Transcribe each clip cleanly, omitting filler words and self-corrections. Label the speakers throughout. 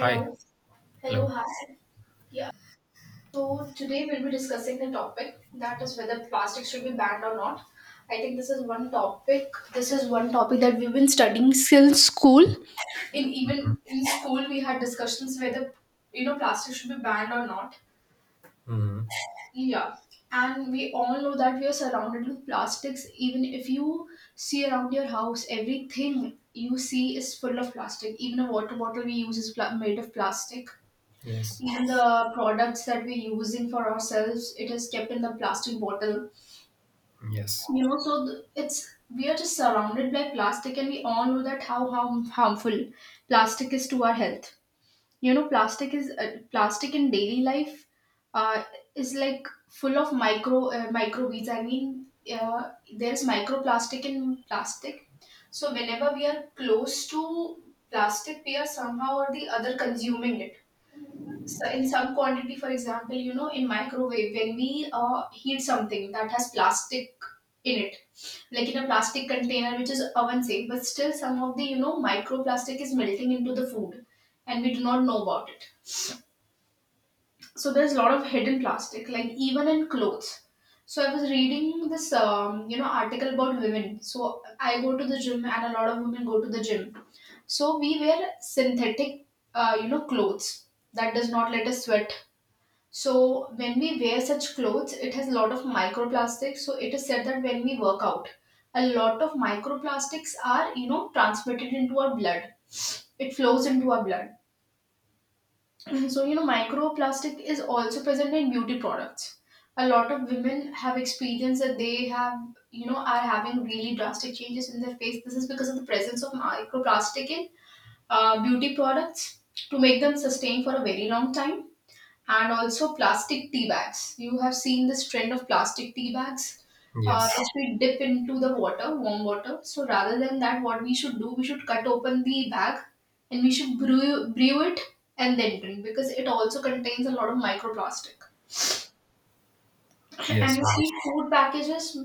Speaker 1: Hi.
Speaker 2: Hello,
Speaker 1: Hello.
Speaker 2: hi. Yeah. So today we'll be discussing the topic that is whether plastics should be banned or not. I think this is one topic. This is one topic that we've been studying since school. In even in school, we had discussions whether plastic should be banned or not.
Speaker 1: hmm
Speaker 2: Yeah. And we all know that we are surrounded with plastics. Even if you see around your house, everything you see is full of plastic. Even a water bottle we use is made of plastic.
Speaker 1: Yes.
Speaker 2: Even the products that we're using for ourselves, it is kept in the plastic bottle,
Speaker 1: Yes.
Speaker 2: you know, so it's we are just surrounded by plastic, and we all know that how harmful plastic is to our health. You know, plastic is plastic in daily life uh, is like full of micro microbeads, I mean, there's microplastic in plastic. So whenever we are close to plastic, we are somehow or the other consuming it, so in some quantity. For example, you know, in microwave, when we heat something that has plastic in it, like in a plastic container, which is oven safe, but still some of the, you know, microplastic is melting into the food, and we do not know about it. So there's a lot of hidden plastic, like even in clothes. So I was reading this, you know, article about women. So I go to the gym, and a lot of women go to the gym. So we wear synthetic, you know, clothes that does not let us sweat. So when we wear such clothes, it has a lot of microplastics. So it is said that when we work out, a lot of microplastics are, you know, transmitted into our blood. It flows into our blood. So you know microplastic is also present in beauty products. A lot of women have experienced that they have, you know, are having really drastic changes in their face. This is because of the presence of microplastic in beauty products, to make them sustain for a very long time. And also plastic tea bags. You have seen this trend of plastic tea bags,
Speaker 1: Yes.
Speaker 2: which we dip into the water, warm water. So rather than that, what we should do, we should cut open the bag and we should brew it and then drink, because it also contains a lot of microplastic. And you
Speaker 1: Yes.
Speaker 2: see,
Speaker 1: Obviously.
Speaker 2: food packages,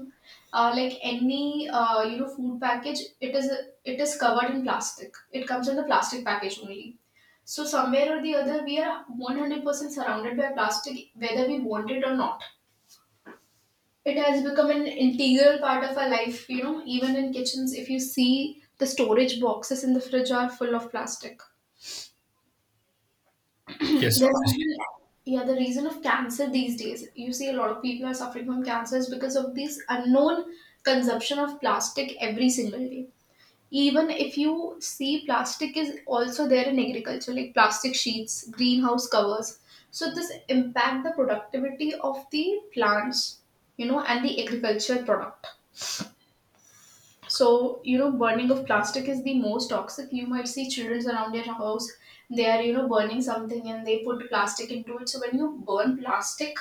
Speaker 2: like any you know, food package, it is covered in plastic. It comes in the plastic package only. So somewhere or the other, we are 100% surrounded by plastic, whether we want it or not. It has become an integral part of our life, you know, even in kitchens, if you see the storage boxes in the fridge are full of plastic. There's
Speaker 1: Yes. Obviously.
Speaker 2: even, yeah, the reason of cancer these days, you see a lot of people are suffering from cancer is because of this unknown consumption of plastic every single day. Even if you see, plastic is also there in agriculture, like plastic sheets, greenhouse covers, so this impact the productivity of the plants, you know, and the agriculture product. So you know, burning of plastic is the most toxic. You might see children around your house, they are, you know, burning something and they put plastic into it. So when you burn plastic,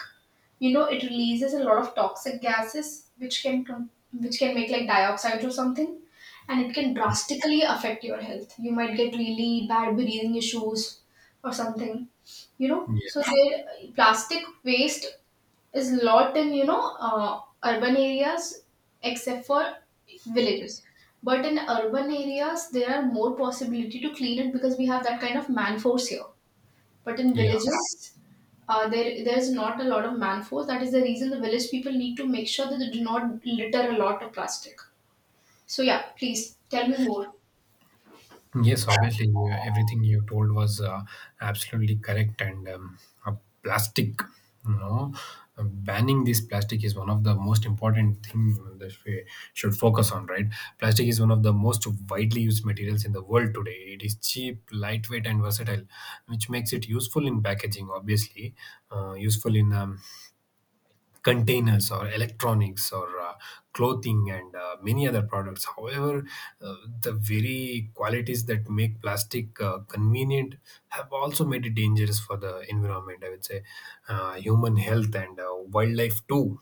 Speaker 2: you know, it releases a lot of toxic gases which which can make like dioxide or something, and it can drastically affect your health. You might get really bad breathing issues or something, you know.
Speaker 1: Yeah.
Speaker 2: So there plastic waste is lot in, you know, urban areas, except for villages. But in urban areas there are more possibility to clean it, because we have that kind of man force here. But in
Speaker 1: Yeah.
Speaker 2: villages, there's not a lot of man force. That is the reason the village people need to make sure that they do not litter a lot of plastic. So yeah, please tell me more.
Speaker 1: Yes. Obviously. Yeah, everything you told was absolutely correct. And uh, Plastic, you know, banning this plastic is one of the most important thing that we should focus on. Right? Plastic is one of the most widely used materials in the world today. It is cheap, lightweight, and versatile, which makes it useful in packaging. Obviously, useful in containers or electronics or clothing and many other products. However, uh, the very qualities that make plastic convenient have also made it dangerous for the environment, I would say, human health and wildlife too.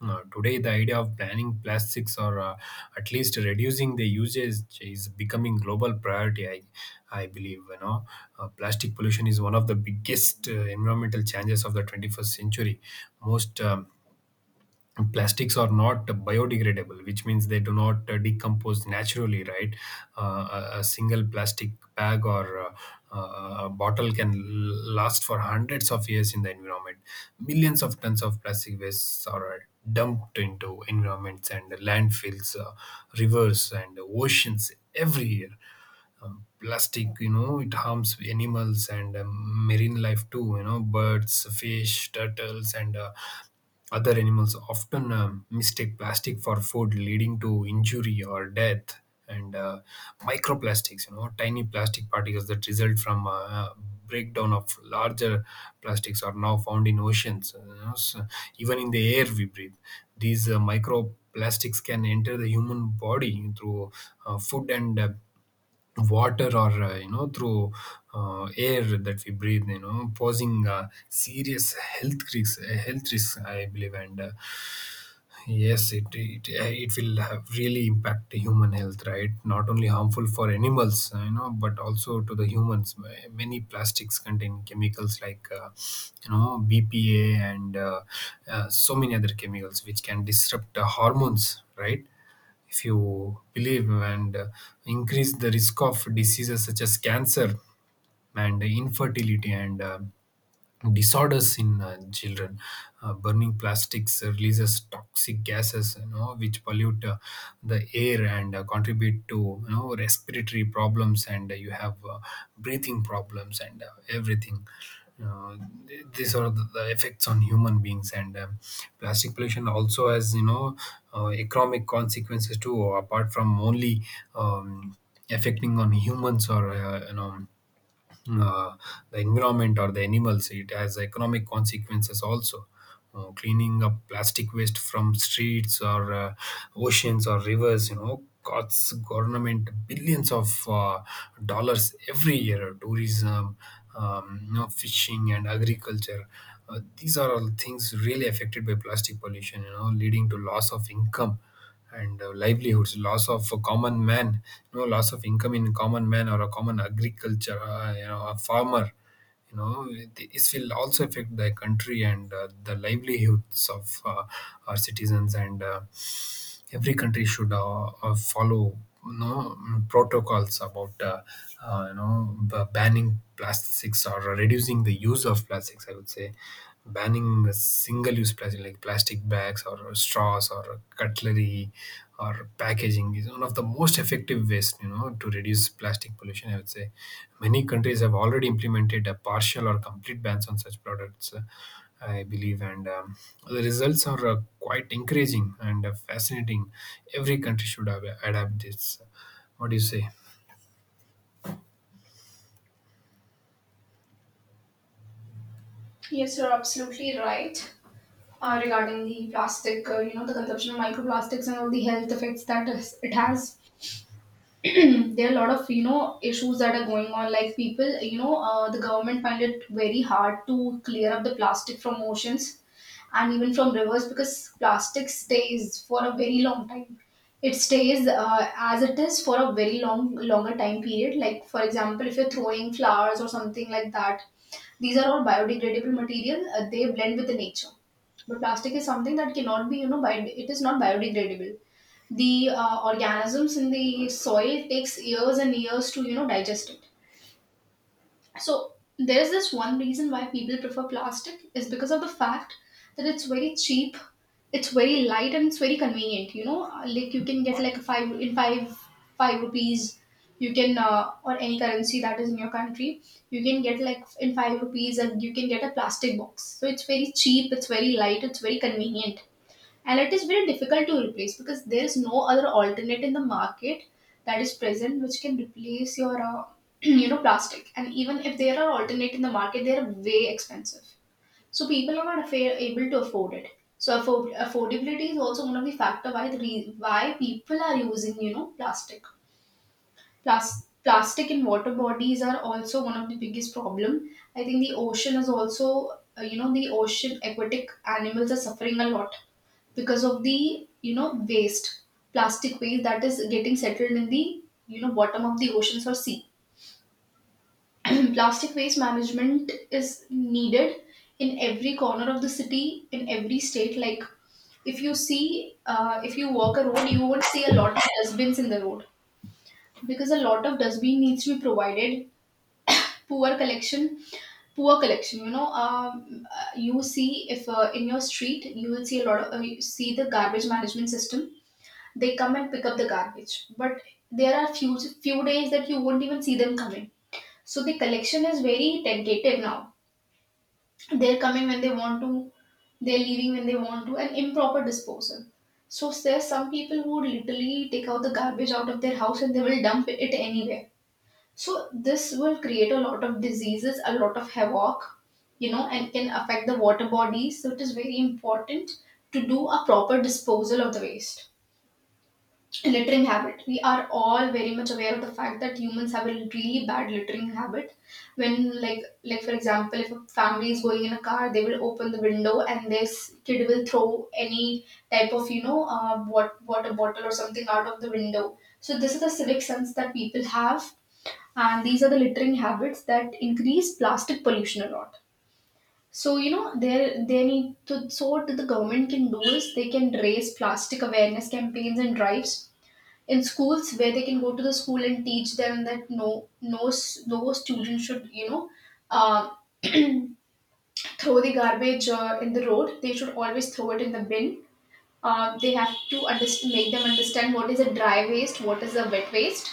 Speaker 1: Today, the idea of banning plastics or at least reducing the usage is becoming global priority. I believe, you know, plastic pollution is one of the biggest environmental challenges of the 21st century. Most plastics are not biodegradable, which means they do not decompose naturally, right? A single plastic bag or a bottle can last for hundreds of years in the environment. Millions of tons of plastic wastes are dumped into environments and landfills, rivers and oceans every year. Plastic, you know, it harms animals and marine life too. You know, birds, fish, turtles, and other animals often mistake plastic for food, leading to injury or death. And microplastics, you know, tiny plastic particles that result from breakdown of larger plastics are now found in oceans, you know, so even in the air we breathe. These microplastics can enter the human body through food and water or, you know, through air that we breathe, you know, posing serious health risks, health risks, I believe. And Yes, it will have really impact the human health, right? Not only harmful for animals, you know, but also to the humans. Many plastics contain chemicals like, you know, BPA and so many other chemicals which can disrupt the hormones, right? If you believe. And Increase the risk of diseases such as cancer and infertility and disorders in children. Burning plastics releases toxic gases, you know, which pollute the air and contribute to, you know, respiratory problems, and you have breathing problems and everything. Uh, these are the effects on human beings, and plastic pollution also has, you know, economic consequences too. Apart from only um, affecting on humans or you know, uh, the environment or the animals. It has economic consequences also. Cleaning up plastic waste from streets or oceans or rivers, you know, costs government billions of dollars every year. Tourism, you know, fishing and agriculture. These are all things really affected by plastic pollution, you know, leading to loss of income and livelihoods, loss of a common man, you know, loss of income in common man or a common agriculture, you know, a farmer. You know, this will also affect the country and the livelihoods of our citizens and every country should follow no protocols about you know, banning plastics or reducing the use of plastics, I would say. Banning the single use plastic like plastic bags or straws or cutlery or packaging is one of the most effective ways, you know, to reduce plastic pollution, I would say. Many countries have already implemented a partial or complete bans on such products, I believe, and the results are quite encouraging and fascinating. Every country should adapt this. What do you say?
Speaker 2: Yes, you're absolutely right. Regarding the plastic, you know, the consumption of microplastics and all the health effects that it has. There are a lot of, you know, issues that are going on, like people, you know, the government find it very hard to clear up the plastic from oceans and even from rivers, because plastic stays for a very long time. It stays as it is for a very long longer time period. Like for example, if you're throwing flowers or something like that, these are all biodegradable material, they blend with the nature. But plastic is something that cannot be, you know, it is not biodegradable. The organisms in the soil takes years and years to, you know, digest it. So there's this one reason why people prefer plastic is because of the fact that it's very cheap, it's very light, and it's very convenient, you know. Like you can get like a five in five five rupees, you can or any currency that is in your country, you can get like in five rupees and you can get a plastic box. So it's very cheap, it's very light, it's very convenient, and it is very difficult to replace, because there is no other alternate in the market that is present which can replace your you know, plastic. And even if there are alternate in the market, they are way expensive. So people are not able to afford it. So affordability is also one of the factor why people are using, you know, plastic. Plastic in water bodies are also one of the biggest problem. I think the ocean is also you know, the ocean aquatic animals are suffering a lot because of the, you know, waste, plastic waste that is getting settled in the, you know, bottom of the oceans or sea. Plastic waste management is needed in every corner of the city, in every state. Like if you see, if you walk a road, you won't see a lot of dustbins in the road, because a lot of dustbin needs to be provided. poor collection poor collection, you know, you see, if in your street you will see a lot of, you see, the garbage management system, they come and pick up the garbage, but there are few days that you won't even see them coming. So the collection is very tentative now. They're coming when they want to, they're leaving when they want to, and improper disposal. So there's some people who would literally take out the garbage out of their house and they will dump it anywhere. So this will create a lot of diseases, a lot of havoc, you know, and can affect the water bodies. So it is very important to do a proper disposal of the waste. Littering habit, we are all very much aware of the fact that humans have a really bad littering habit. When like for example, if a family is going in a car, they will open the window and this kid will throw any type of, you know, what water bottle or something out of the window. So this is the civic sense that people have, and these are the littering habits that increase plastic pollution a lot. So you know, there they need to, so what the government can do is they can raise plastic awareness campaigns and drives in schools, where they can go to the school and teach them that no student should, you know, uh, throw the garbage in the road. They should always throw it in the bin. They have to make them understand what is a dry waste, what is a wet waste.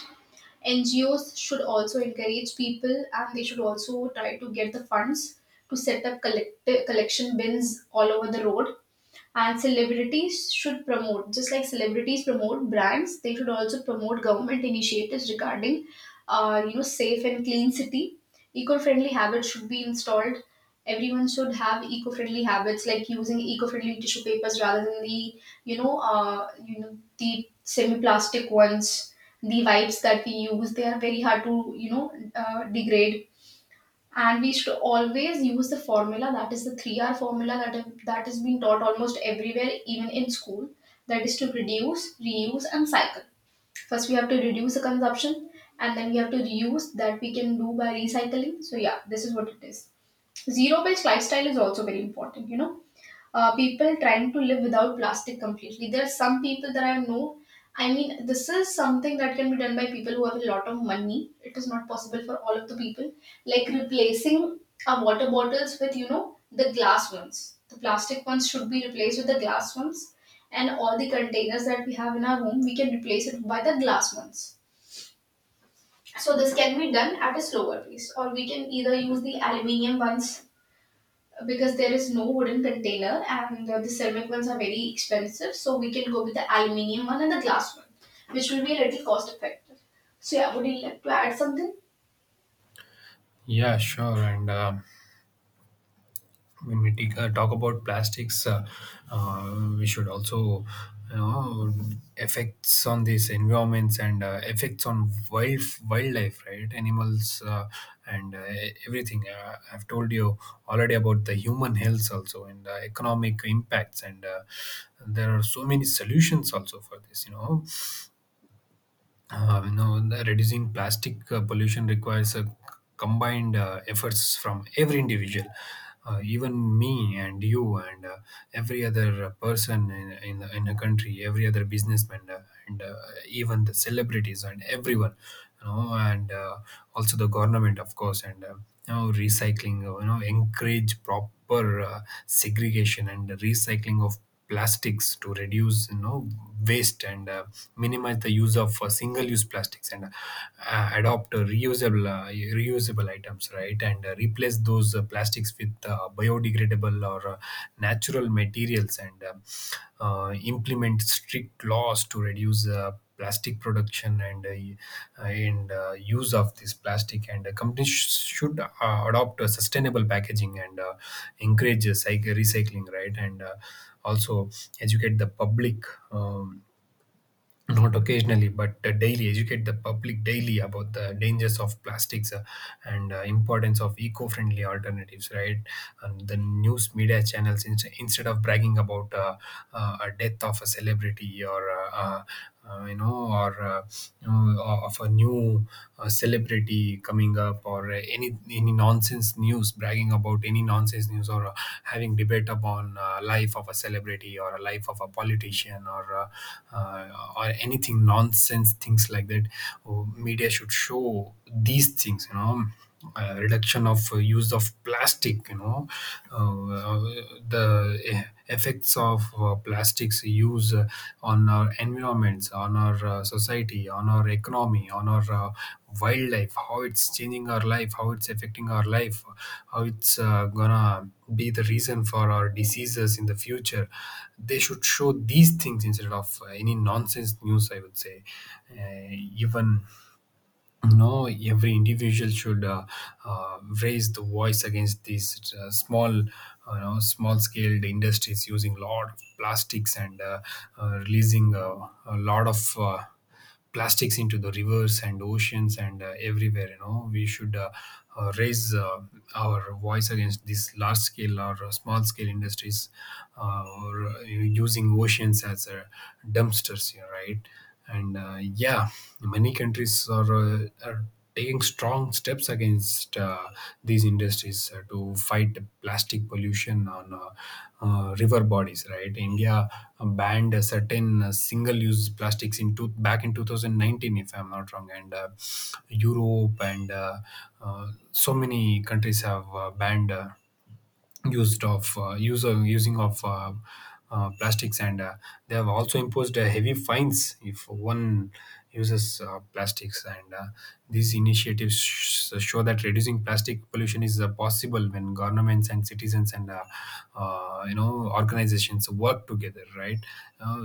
Speaker 2: NGOs should also encourage people, and they should also try to get the funds to set up collection bins all over the road. And celebrities should promote, just like celebrities promote brands, they should also promote government initiatives regarding you know, safe and clean city. Eco-friendly habits should be installed. Everyone should have eco-friendly habits, like using eco-friendly tissue papers rather than the, you know, you know, the semi-plastic ones. The wipes that we use, they are very hard to, you know, degrade. And we should always use the formula, that is the 3R formula, that is being taught almost everywhere, even in school, that is to reduce, reuse, and cycle. First we have to reduce the consumption, and then we have to reuse, that we can do by recycling. So yeah, this is what it is. Zero based lifestyle is also very important, you know, people trying to live without plastic completely. There are some people that I know. I mean, this is something that can be done by people who have a lot of money. It is not possible for all of the people. Like replacing our water bottles with, you know, the glass ones. The plastic ones should be replaced with the glass ones. And all the containers that we have in our home, we can replace it by the glass ones. So this can be done at a slower pace. Or we can either use the aluminium ones because there is no wooden container and the ceramic ones are very expensive, so we can go with the aluminium one and the glass one, which will be a little cost effective. So yeah, would you like to add something?
Speaker 1: Yeah, sure. And When we take, talk about plastics, we should also, you know, effects on these environments and effects on wildlife, right? Animals and everything. I've told you already about the human health also and economic impacts, and there are so many solutions also for this. You know, the reducing plastic pollution requires a combined efforts from every individual, even me and you and every other person in in the country, every other businessman, and even the celebrities and everyone, you know, and also the government, of course, and you know, recycling, you know, encourage proper segregation and recycling of plastics to reduce, you know, waste and minimize the use of single-use plastics and adopt reusable items, right, and replace those plastics with biodegradable or natural materials, and implement strict laws to reduce plastic production and use of this plastic, and companies should adopt a sustainable packaging and encourage cycle recycling, right, and also educate the public, um, not occasionally but daily, educate the public daily about the dangers of plastics, and importance of eco-friendly alternatives, right. And the news media channels instead of bragging about a death of a celebrity or you know, or you know, of a new celebrity coming up or any any nonsense news, bragging about any nonsense news or having debate upon life of a celebrity or a life of a politician or anything nonsense things like that. Oh, media should show these things, you know, reduction of use of plastic, you know, uh, uh, the eh, effects of plastics use on our environments, on our society, on our economy, on our wildlife, how it's changing our life, how it's affecting our life, how it's gonna be the reason for our diseases in the future. They should show these things instead of any nonsense news, I would say. Even no Every individual should raise the voice against these small, you know, small scaled industries using a lot of plastics and releasing a lot of plastics into the rivers and oceans and everywhere, you know. We should raise our voice against these large scale or small scale industries or using oceans as dumpsters, you know, right. And yeah, many countries are taking strong steps against these industries, to fight the plastic pollution on river bodies, right. India banned a certain single use plastics back in 2019 if I'm not wrong, and Europe and so many countries have banned use of using of plastics, and they have also imposed heavy fines if one uses plastics, and these initiatives show that reducing plastic pollution is possible when governments and citizens and you know, organizations work together, right.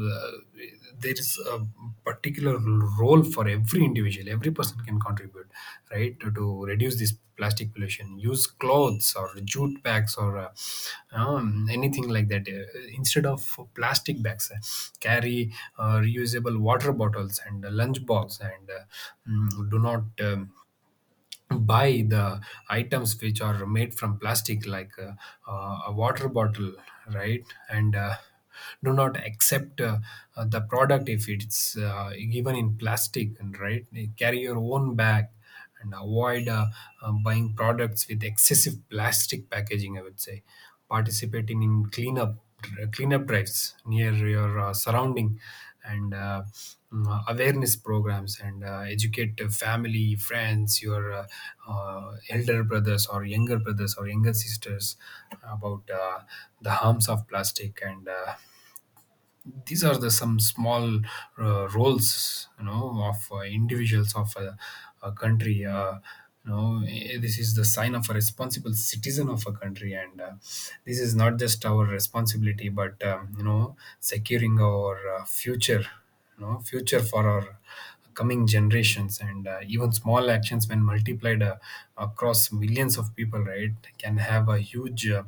Speaker 1: There is a particular role for every individual. Every person can contribute, right, to reduce this plastic pollution. Use clothes or jute bags or anything like that. Instead of plastic bags, carry reusable water bottles and lunch box and do not buy the items which are made from plastic, like a water bottle, right, and do not accept the product if it's given in plastic, and right, carry your own bag and avoid buying products with excessive plastic packaging, I would say. Participating in cleanup drives near your surrounding and awareness programs, and educate the family friends, your elder brothers or younger sisters about the harms of plastic, and these are the some small roles, you know, of individuals of a country, you know, this is the sign of a responsible citizen of a country, and this is not just our responsibility but, you know, securing our future, you know, future for our coming generations, and even small actions when multiplied across millions of people, right, can have a huge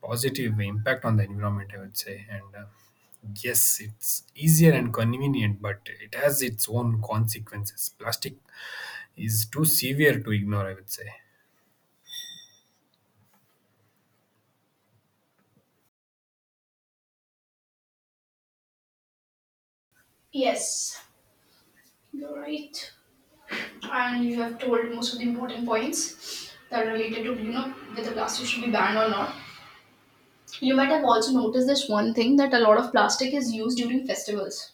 Speaker 1: positive impact on the environment, I would say. And Yes, it's easier and convenient, but it has its own consequences. Plastic is too severe to ignore, I would say.
Speaker 2: Yes, you're right. And you have told most of the important points that are related to, you know, whether plastic should be banned or not. You might have also noticed this one thing, that a lot of plastic is used during festivals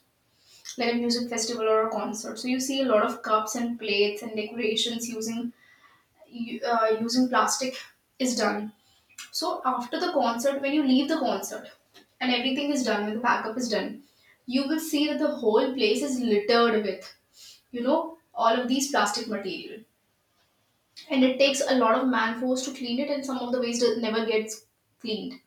Speaker 2: like a music festival or a concert. So you see a lot of cups and plates and decorations using using plastic is done. So after the concert, when you leave the concert and everything is done, when the backup is done, you will see that the whole place is littered with, you know, all of these plastic material. And it takes a lot of man force to clean it, and some of the waste never gets cleaned.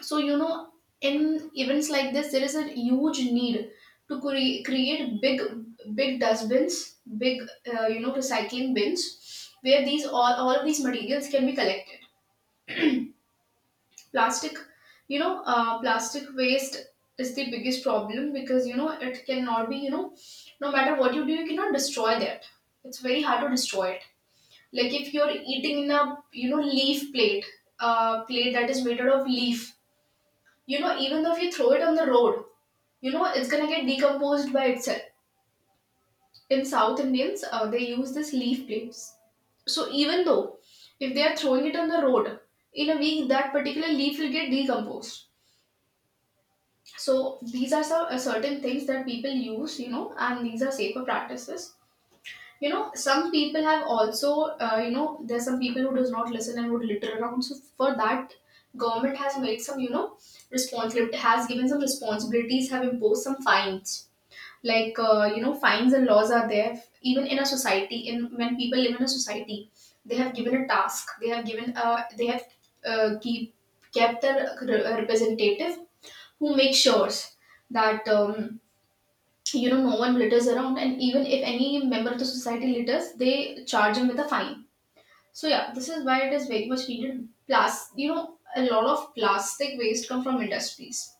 Speaker 2: So, you know, in events like this, there is a huge need to create big, big dustbins, big, you know, recycling bins where these all of these materials can be collected. Plastic, you know, plastic waste is the biggest problem, because you know it cannot be, you know, no matter what you do you cannot destroy that. It's very hard to destroy it. Like if you're eating in a, you know, leaf plate, a plate that is made out of leaf, you know, even though if you throw it on the road, you know it's gonna get decomposed by itself. In south indians, they use this leaf plates. So even though if they are throwing it on the road, in a week that particular leaf will get decomposed. So these are some certain things that people use, you know, and these are safer practices. You know, some people have also, you know, there's some people who does not listen and would litter around. So for that, government has made some, you know, responsibility has given some responsibilities, have imposed some fines. Like, you know, fines and laws are there even in a society. In when people live in a society, they have given a task. They have given, they have keep kept their representative who make sure that, you know, no one litters around, and even if any member of the society litters they charge him with a fine. So yeah, this is why it is very much needed. Plus, you know, a lot of plastic waste come from industries.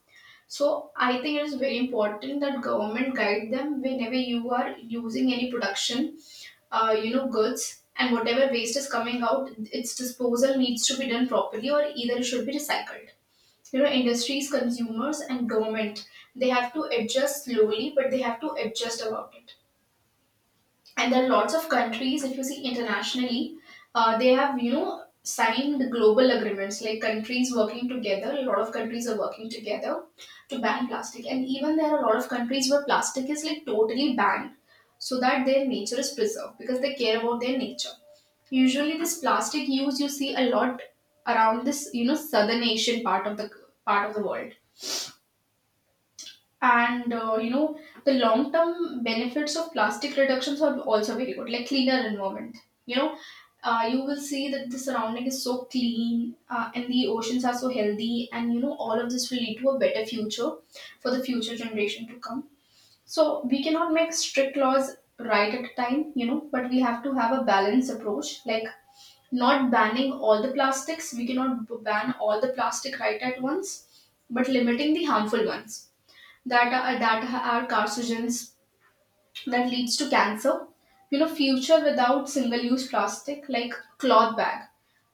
Speaker 2: So I think it is very important that government guide them whenever you are using any production, you know, goods, and whatever waste is coming out, its disposal needs to be done properly, or either it should be recycled. You know, industries, consumers and government, they have to adjust slowly, but they have to adjust about it. And there are lots of countries, if you see internationally, they have, you know, signed global agreements, like countries working together. A lot of countries are working together to ban plastic, and even there are a lot of countries where plastic is like totally banned, so that their nature is preserved, because they care about their nature. Usually this plastic use you see a lot around this, you know, southern asian part of the world. And you know, the long term benefits of plastic reductions are also very good, like cleaner environment, you know. You will see that the surrounding is so clean, and the oceans are so healthy, and you know, all of this will lead to a better future for the future generation to come. So we cannot make strict laws right at a time, you know, but we have to have a balanced approach, like not banning all the plastics. We cannot ban all the plastic right at once, but limiting the harmful ones that are carcinogens, that leads to cancer. You know, future without single-use plastic like cloth bag.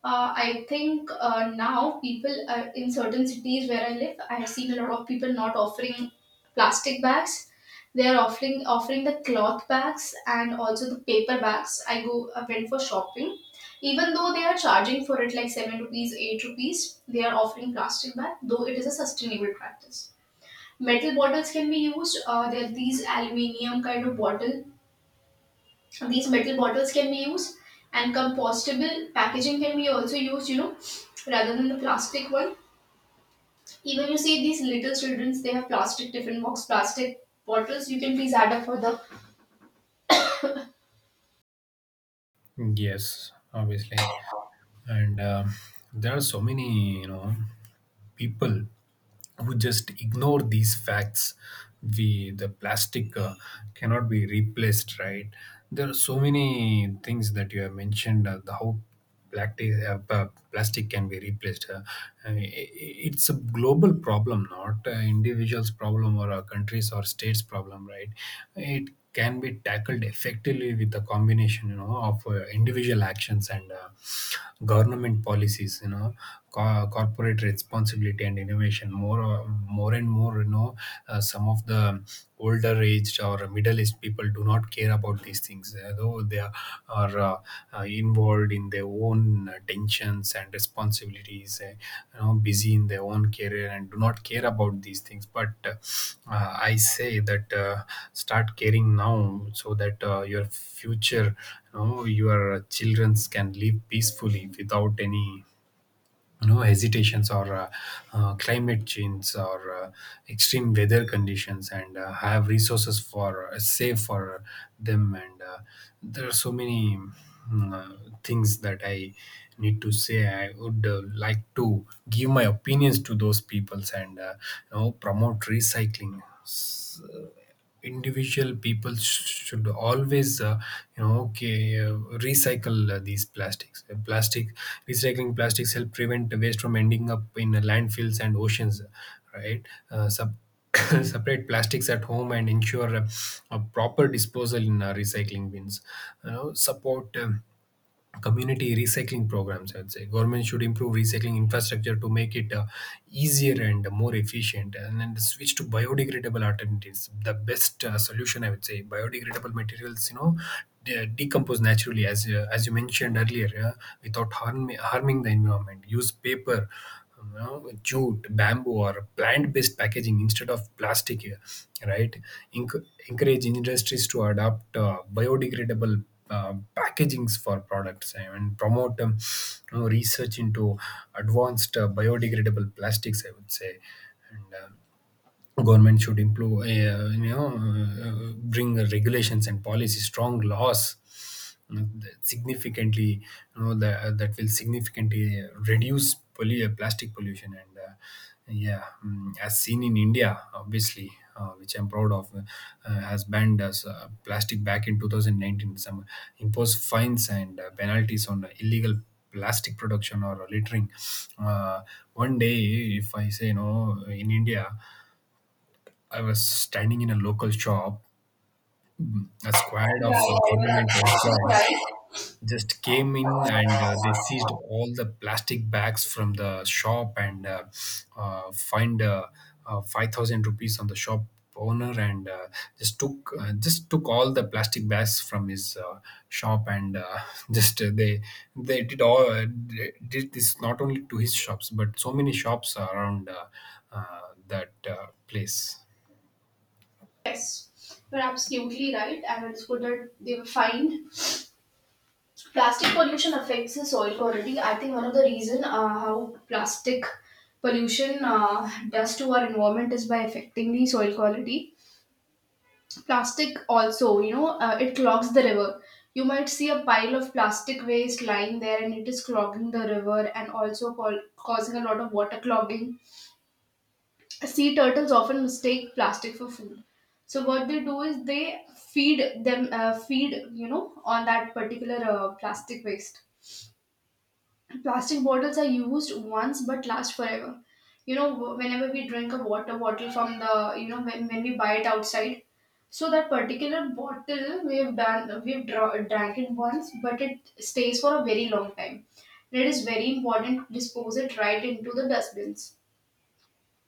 Speaker 2: I think now people, in certain cities where I live, I have seen a lot of people not offering plastic bags. They are offering the cloth bags and also the paper bags. I went for shopping. Even though they are charging for it, like seven rupees, eight rupees, they are offering plastic bag. Though it is a sustainable practice, metal bottles can be used. There are these aluminium kind of bottle. These metal bottles can be used, and compostable packaging can be also used, you know, rather than the plastic one. Even you see these little childrens, they have plastic tiffin box, plastic bottles. You can please add up for the.
Speaker 1: Yes, obviously, and there are so many, you know, people who just ignore these facts. We the plastic uh, cannot be replaced, right? There are so many things that you have mentioned, the how plastic can be replaced. I mean, it's a global problem, not individuals problem or a countries or states problem, right? It can be tackled effectively with a combination, you know, of individual actions and government policies, you know, corporate responsibility and innovation, more and more, you know. Some of the older aged or middle aged people do not care about these things, though they are involved in their own tensions and responsibilities, you know, busy in their own career and do not care about these things. But I say that, start caring now so that, your future, you know, your children can live peacefully without any no hesitations or climate change or extreme weather conditions, and have resources for, save for them. And there are so many things that I need to say. I would like to give my opinions to those peoples, and you know, promote recycling. Individual people should always, you know, recycle, these plastics. Plastic Recycling plastics help prevent waste from ending up in landfills and oceans, right? Separate plastics at home and ensure a proper disposal in recycling bins, you know. Support community recycling programs. I'd say government should improve recycling infrastructure to make it easier and more efficient, and then switch to biodegradable alternatives. The best solution, I would say, biodegradable materials, you know, decompose naturally, as you mentioned earlier, without harming the environment. Use paper, you know, jute, bamboo, or plant-based packaging instead of plastic, right? Encourage industries to adopt biodegradable packagings for products, and promote, you know, research into advanced biodegradable plastics, I would say. And government should improve, you know, bring regulations and policy, strong laws you that significantly you know, that will significantly reduce plastic pollution. And uh, yeah mm, As seen in India, obviously, which I'm proud of, has banned us, plastic back in 2019. Some imposed fines and penalties on illegal plastic production or littering. uh, One day, if I say, you know, in India, I was standing in a local shop. A squad
Speaker 2: Yeah,
Speaker 1: of
Speaker 2: yeah,
Speaker 1: government
Speaker 2: you're absolutely
Speaker 1: employees
Speaker 2: right.
Speaker 1: just came in, and they seized all the plastic bags from the shop, and fined 5,000 rupees on the shop owner, and just took all the plastic bags from his shop, and just they did all they did this not only to his shops but so many shops around uh, that place.
Speaker 2: Yes, you're absolutely right, I understood that they were fined. Plastic pollution affects the soil quality. I think one of the reason, how plastic pollution does to our environment is by affecting the soil quality. Plastic also, you know, it clogs the river. You might see a pile of plastic waste lying there, and it is clogging the river and also causing a lot of water clogging. Sea turtles often mistake plastic for food. So what they do is they feed them, feed, you know, on that particular plastic waste. Plastic bottles are used once but last forever. You know, whenever we drink a water bottle from the, you know, when we buy it outside, so that particular bottle we've done, we've drank it once, but it stays for a very long time. And it is very important to dispose it right into the dustbins.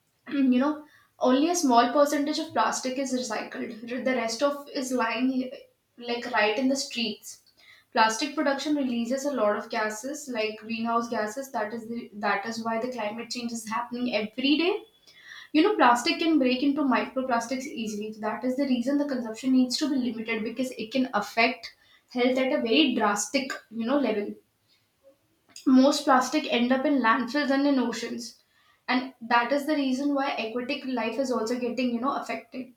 Speaker 2: You know, only a small percentage of plastic is recycled. The rest of is lying like right in the streets. Plastic production releases a lot of gases like greenhouse gases. That is that is why the climate change is happening every day. You know, plastic can break into microplastics easily. That is the reason the consumption needs to be limited, because it can affect health at a very drastic, you know, level. Most plastic end up in landfills and in oceans. And that is the reason why aquatic life is also getting, you know, affected.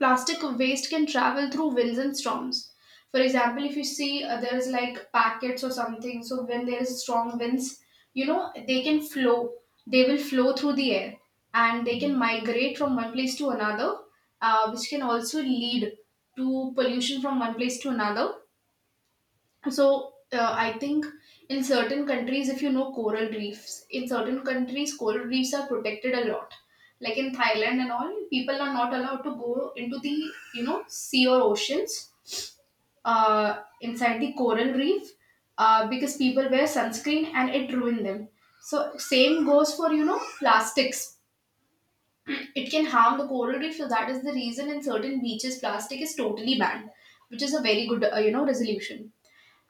Speaker 2: Plastic waste can travel through winds and storms. For example, if you see, there is like packets or something, so when there is strong winds, you know, they can flow. They will flow through the air, and they can migrate from one place to another, which can also lead to pollution from one place to another. So, I think in certain countries, if you know, coral reefs, in certain countries coral reefs are protected a lot, like in thailand and all. People are not allowed to go into the, you know, sea or oceans, inside the coral reef, because people wear sunscreen and it ruin them. So same goes for, you know, plastics. It can harm the coral reef, so that is the reason in certain beaches plastic is totally banned, which is a very good you know, resolution.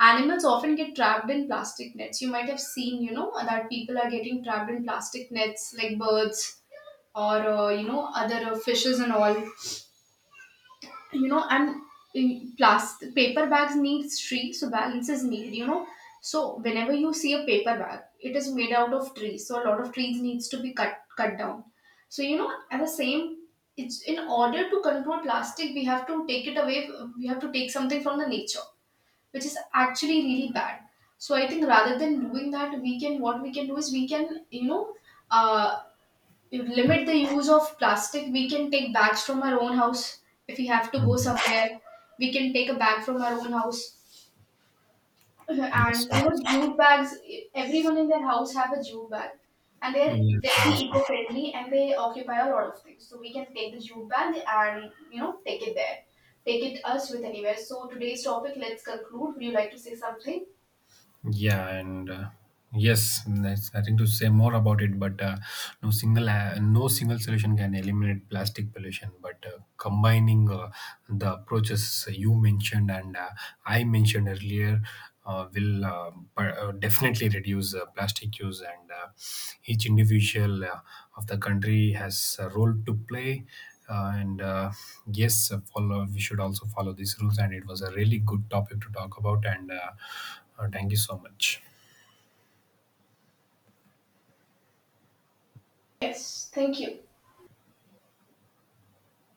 Speaker 2: Animals often get trapped in plastic nets. You might have seen, you know, that people are getting trapped in plastic nets, like birds or, you know, other fishes and all, you know. And in plastic paper bags need tree, so balance is need, you know. So whenever you see a paper bag, it is made out of trees. So a lot of trees needs to be cut down. So you know, at the same, it's in order to control plastic we have to take it away. We have to take something from the nature, which is actually really bad. So I think rather than doing that, we can, what we can do is we can, you know, uh, limit the use of plastic. We can take bags from our own house if we have to go
Speaker 1: Mm.
Speaker 2: somewhere. We can take a bag from our own house.
Speaker 1: Yes,
Speaker 2: And you know,
Speaker 1: obviously.
Speaker 2: jute bags. Everyone in their house have a jute bag, and they're
Speaker 1: Yes,
Speaker 2: very
Speaker 1: obviously.
Speaker 2: eco-friendly and they occupy a lot of things. So we can take the jute bag and you know take it there. Take it us with anywhere. So today's topic, let's conclude. Would you like to say something?
Speaker 1: Yeah, and yes, there's nothing to say more about it. But no single solution can eliminate plastic pollution. But combining the approaches you mentioned and I mentioned earlier will, definitely reduce plastic use. And each individual of the country has a role to play. And Yes, follow we should also follow these rules, and it was a really good topic to talk about. And Thank you so much.
Speaker 2: Yes, thank you.